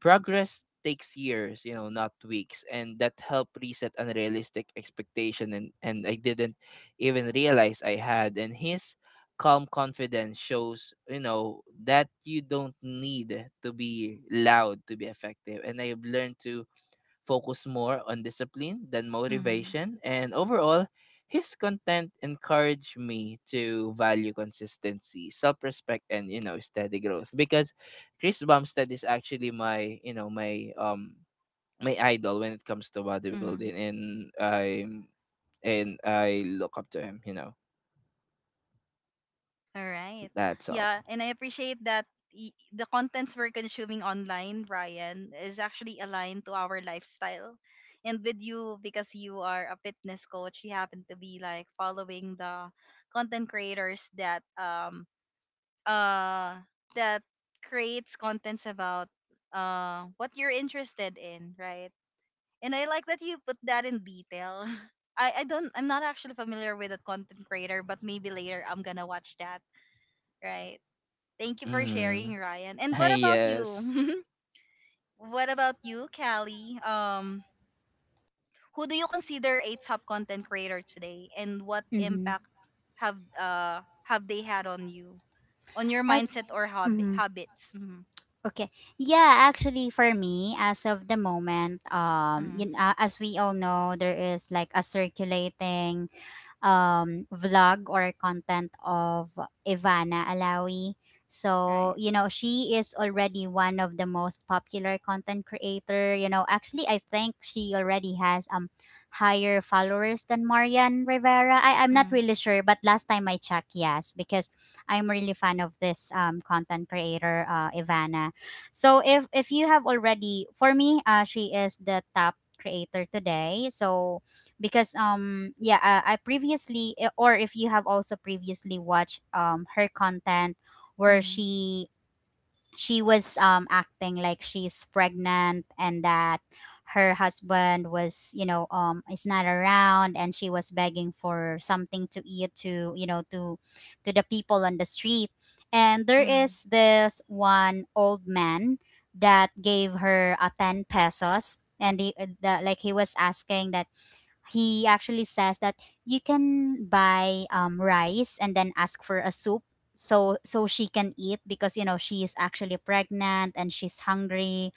progress takes years, not weeks, and that helped reset unrealistic expectation and I didn't even realize I had. And his calm confidence shows, that you don't need to be loud to be effective. And I've learned to focus more on discipline than motivation. And overall, his content encouraged me to value consistency, self-respect, and steady growth. Because Chris Bumstead is actually my you know my my idol when it comes to bodybuilding,
Hmm.
and I look up to him.
All right.
That's all.
Yeah, and I appreciate that the contents we're consuming online, Brian, is actually aligned to our lifestyle. And with you, because you are a fitness coach, you happen to be like following the content creators that uh that creates contents about what you're interested in, right? And I like that you put that in detail. (laughs) I'm not actually familiar with that content creator, but maybe later I'm gonna watch that, right? Thank you for
Mm-hmm.
sharing, Ryan. And what about
Yes.
you? (laughs) What about you, Callie? Who do you consider a top content creator today, and what
Mm-hmm.
impact have they had on you, on your
Uh,
mindset or hobby
mhm.
habits? Mm-hmm.
Okay. Yeah, actually for me, as of the moment, you
Mm-hmm.
know, as we all know, there is like a circulating vlog or content of Ivana Alawi. So,
Right.
you know, she is already one of the most popular content creator. You know, actually, I think she already has higher followers than Marian Rivera. I'm not
Mm-hmm.
really sure, but last time I checked, yes, because I'm really fan of this content creator, Ivana. So if you have already, for me, she is the top creator today. So because yeah, I previously or if you have also previously watched her content where
Mm-hmm.
she was acting like she's pregnant, and that her husband was, you know, is not around, and she was begging for something to eat, to you know, to the people on the street. And there
Mm-hmm.
is this one old man that gave her a 10 pesos, and he, the, like he was asking that, he actually says that you can buy rice and then ask for a soup, so so she can eat, because you know, she is actually pregnant and she's hungry.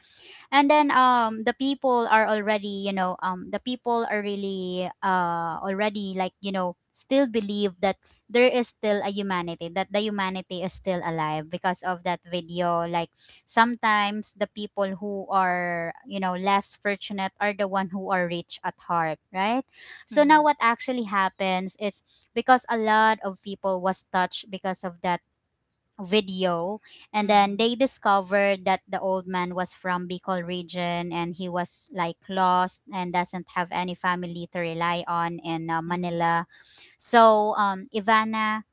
And then the people are already, you know, the people are really already like, you know, still believe that there is still a humanity, that the humanity is still alive because of that video. Like sometimes the people who are, you know, less fortunate, are the one who are rich at heart, right? So now what actually happens is, because a lot of people was touched because of that video, and
Mm-hmm.
then
Mm-hmm.
they discovered that the old man was from Bicol region, and he was like lost and doesn't have any family to rely on in
Mm-hmm.
Manila. So um, Ivana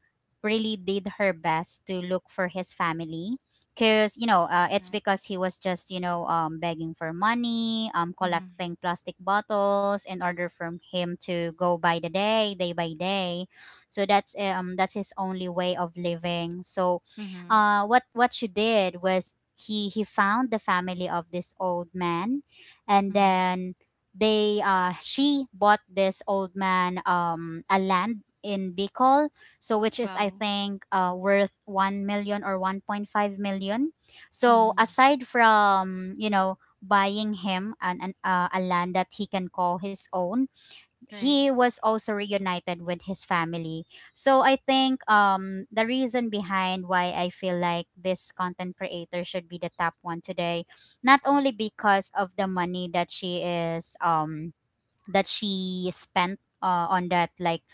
really did her best to look for his family, because you know, it's
Right.
because he was just, you know, begging for money,
Mm-hmm.
collecting plastic bottles in order for him to go by the day, day by day. So that's um, that's his only way of living. So
Mm-hmm.
what she did was, he found the family of this old man, and
Mm-hmm.
then they, she bought this old man a land in Bicol, so which is I
Wow.
think worth 1 million or 1.5 million. So
Mm-hmm.
aside from, you know, buying him an a land that he can call his own,
Right.
he was also reunited with his family. So I think um, the reason behind why I feel like this content creator should be the top one today, not only because of the money that she is um, that she spent on that, like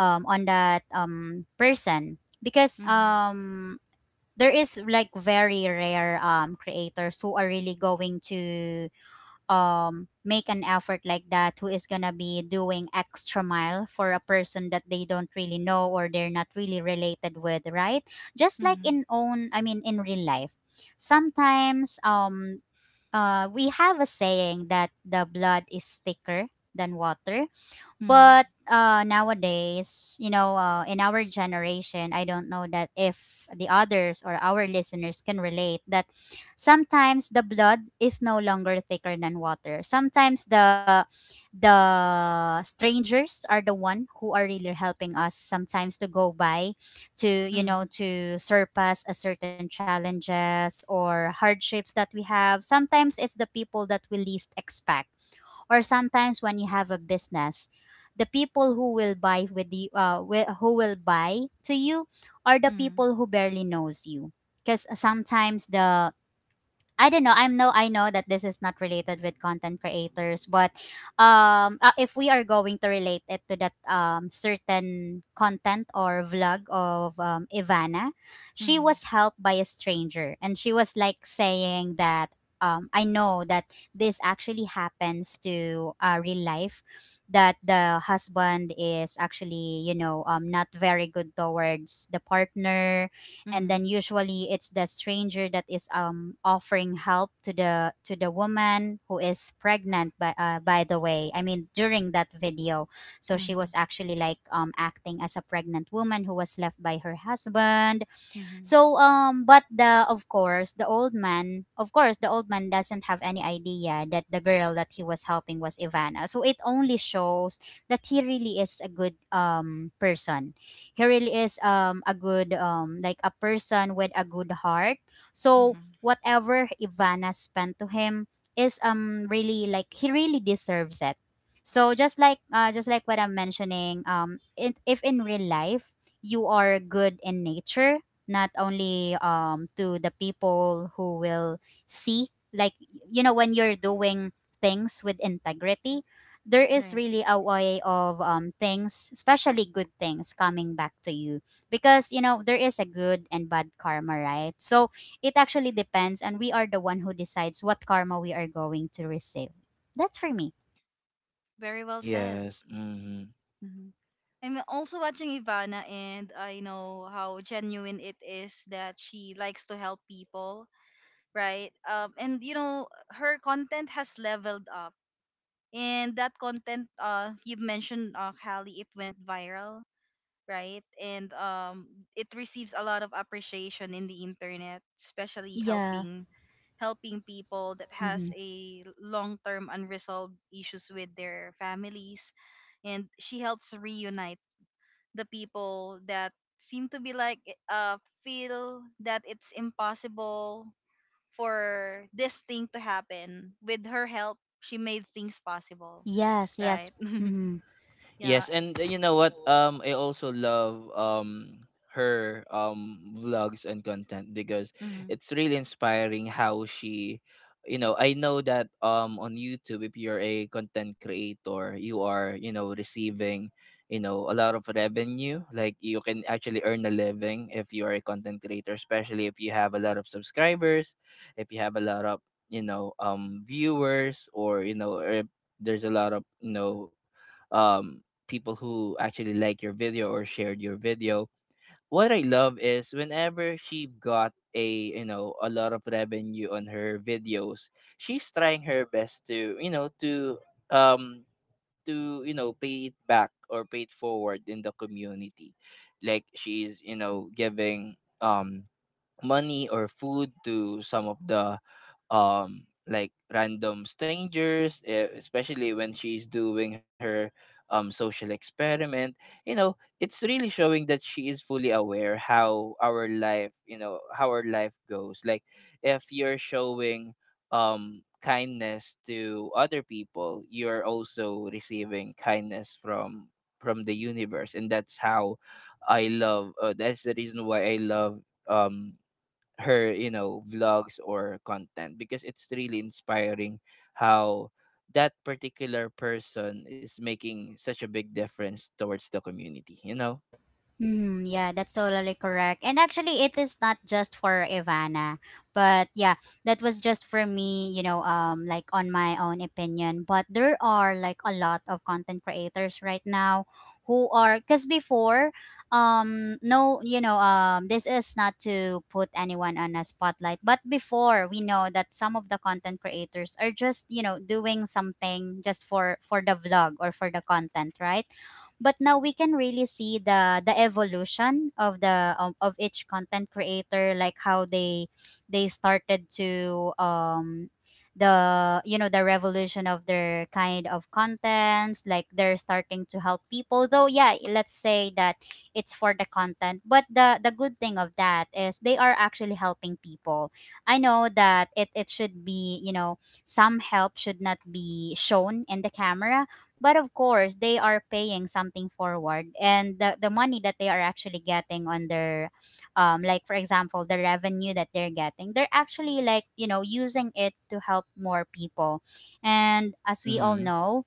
on that person, because
Mm-hmm.
there is like very rare creators who are really going to make an effort like that, who is gonna be doing extra mile for a person that they don't really know or they're not really related with, right? Just like
Mm-hmm.
in own I mean in real life, sometimes we have a saying that the blood is thicker than water.
Mm-hmm.
But nowadays, you know, in our generation, I don't know that if the others or our listeners can relate that, sometimes the blood is no longer thicker than water. Sometimes the strangers are the one who are really helping us sometimes to go by, to you
Mm-hmm.
know, to surpass a certain challenges or hardships that we have. Sometimes it's the people that we least expect. Or sometimes when you have a business, the people who will buy with you, who will buy to you, are the
Mm-hmm.
people who barely knows you. Because sometimes the, I don't know. I know, that this is not related with content creators, but if we are going to relate it to that certain content or vlog of Ivana, she
Mm-hmm.
was helped by a stranger, and she was like saying that I know that this actually happens to real life, that the husband is actually, you know, not very good towards the partner, and then usually it's the stranger that is offering help to the, to the woman who is pregnant, by the way, I mean, during that video. So she was
Mm-hmm.
actually like acting as a pregnant woman who was left by her husband.
Mm-hmm.
So um, but the, of course, the old man doesn't have any idea that the girl that he was helping was Ivana. So it only shows that he really is a good person. He really is a good like a person with a good heart. So
Hmm.
whatever Ivana spent to him is really like, he really deserves it. So just like just like what I'm mentioning, it, if in real life you are good in nature, not only to the people who will see, like, you know, when you're doing things with integrity, there is
Right.
really a way of things, especially good things coming back to you, because you know, there is a good and bad karma, right? So it actually depends, and we are the one who decides what karma we are going to receive. That's for me.
Very well said.
Yes. Mm-hmm.
Hmm. I'm also watching Ivana, and I know how genuine it is that she likes to help people, right? And you know her content has leveled up, and that content, you mentioned, Hallie, it went viral, right? And it receives a lot of appreciation in the internet, especially
Yeah.
helping people that has
hmm
a long-term unresolved issues with their families, and she helps reunite the people that seem to be like uh feel that it's impossible for this thing to happen. With her help, she made things possible,
yes.
right?
Yes.
(laughs)
hmm
Yeah.
Yes. And you know what? I also love her vlogs and content, because
Mm-hmm.
it's really inspiring how she, I know that on YouTube, if you're a content creator, you are receiving a lot of revenue. Like, you can actually earn a living if you are a content creator, especially if you have a lot of subscribers, if you have a lot of viewers, or if there's a lot of um, people who actually like your video or shared your video. What I love is whenever she got a you know a lot of revenue on her videos, she's trying her best to um pay it back or pay it forward in the community, like she's giving money or food to some of the like random strangers, especially when she's doing her social experiment. It's really showing that she is fully aware how our life goes, like, if you're showing kindness to other people, you're also receiving kindness from the universe, and that's how I love that's the reason why I love um her vlogs or content, because it's really inspiring how that particular person is making such a big difference towards the community
Mhm, yeah, that's totally correct. And actually, it is not just for Ivana, but yeah, that was just for me, you know, like on my own opinion. But there are like a lot of content creators right now who are, because before, no, you know, this is not to put anyone on a spotlight, but before we know that some of the content creators are just, you know, doing something just for the vlog or for the content, right? But now we can really see the evolution of the of each content creator, like how they started to the you know, the revolution of their kind of contents, like they're starting to help people, though yeah, let's say that it's for the content, but the good thing of that is they are actually helping people. I know that it should be, you know, some help should not be shown in the camera, but of course, they are paying something forward, and the money that they are actually getting on their, like for example, the revenue that they're getting, they're actually like, you know, using it to help more people. And as we all
hmm.
know,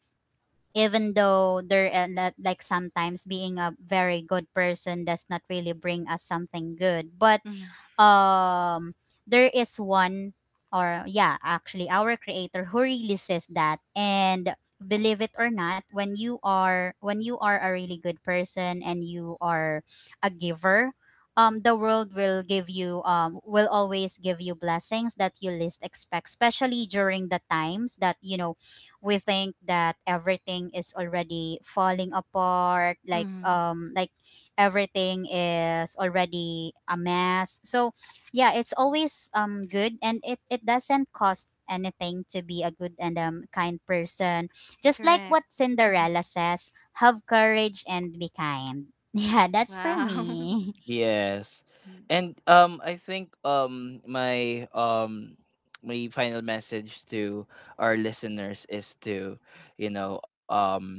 even though there like sometimes being a very good person does not really bring us something good, but
Mm-hmm.
um there is one, or yeah, actually our creator who really says that, and believe it or not, when you are a really good person and you are a giver, the world will give you um, will always give you blessings that you least expect, especially during the times that, you know, we think that everything is already falling apart,
Mm-hmm.
everything is already a mess. So yeah, it's always um, good, and it doesn't cost anything to be a good and kind person. Just like
Correct.
what Cinderella
Mhm.
says, have courage and be kind. (laughs) Yeah, that's for
Wow.
me.
(laughs)
Yes.
Mm.
And I think my final message to our listeners is to you know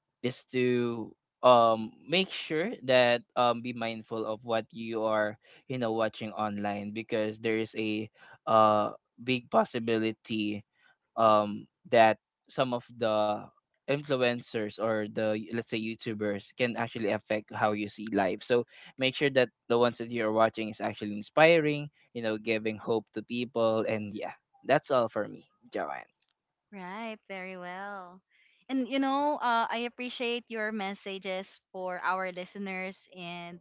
is to make sure that be mindful of what you are watching online, because there is a uh big possibility that some of the influencers, or the, let's say, youtubers, can actually affect how you see life. So, make sure that the ones that you're watching is actually inspiring, giving hope to people. And yeah, that's all for me, Joanne.
Right, very well. And you know, I appreciate your messages for our listeners. And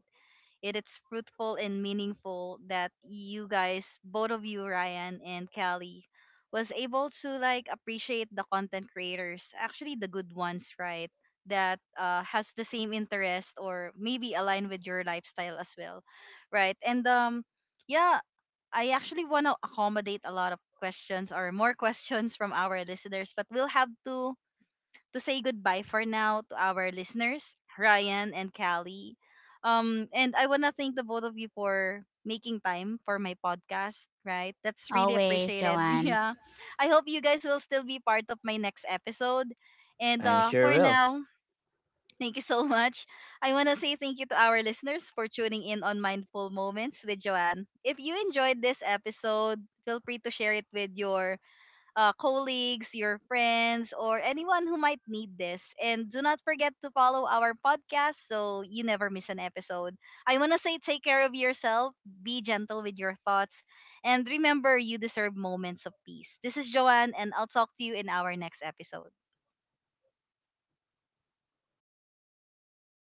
it is fruitful and meaningful that you guys, both of you, Ryan and Callie, was able to like appreciate the content creators, actually the good ones, right? That has the same interest, or maybe align with your lifestyle as well, right? And Yeah, I actually want to accommodate a lot of questions, or more (laughs) questions from our listeners, but we'll have to say goodbye for now to our listeners, Ryan and Callie. And I want to thank the both of you for making time for my podcast, right?
(laughs)
That's really
Always,
appreciated. (laughs)
Joanne.
Yeah. I hope you guys will still be part of my next episode. And
I'm sure
for
will
now, thank you so (laughs) much. I want to say thank you to our listeners for tuning in on Mindful Moments with Joanne. If you enjoyed this episode, feel free to share it with your colleagues, your friends, or anyone who might need this. And do not forget to follow our podcast so you never miss an episode. I want to say take care of yourself, be gentle with your thoughts, and remember you deserve moments of peace. This is Joanne, and I'll talk to you in our next episode.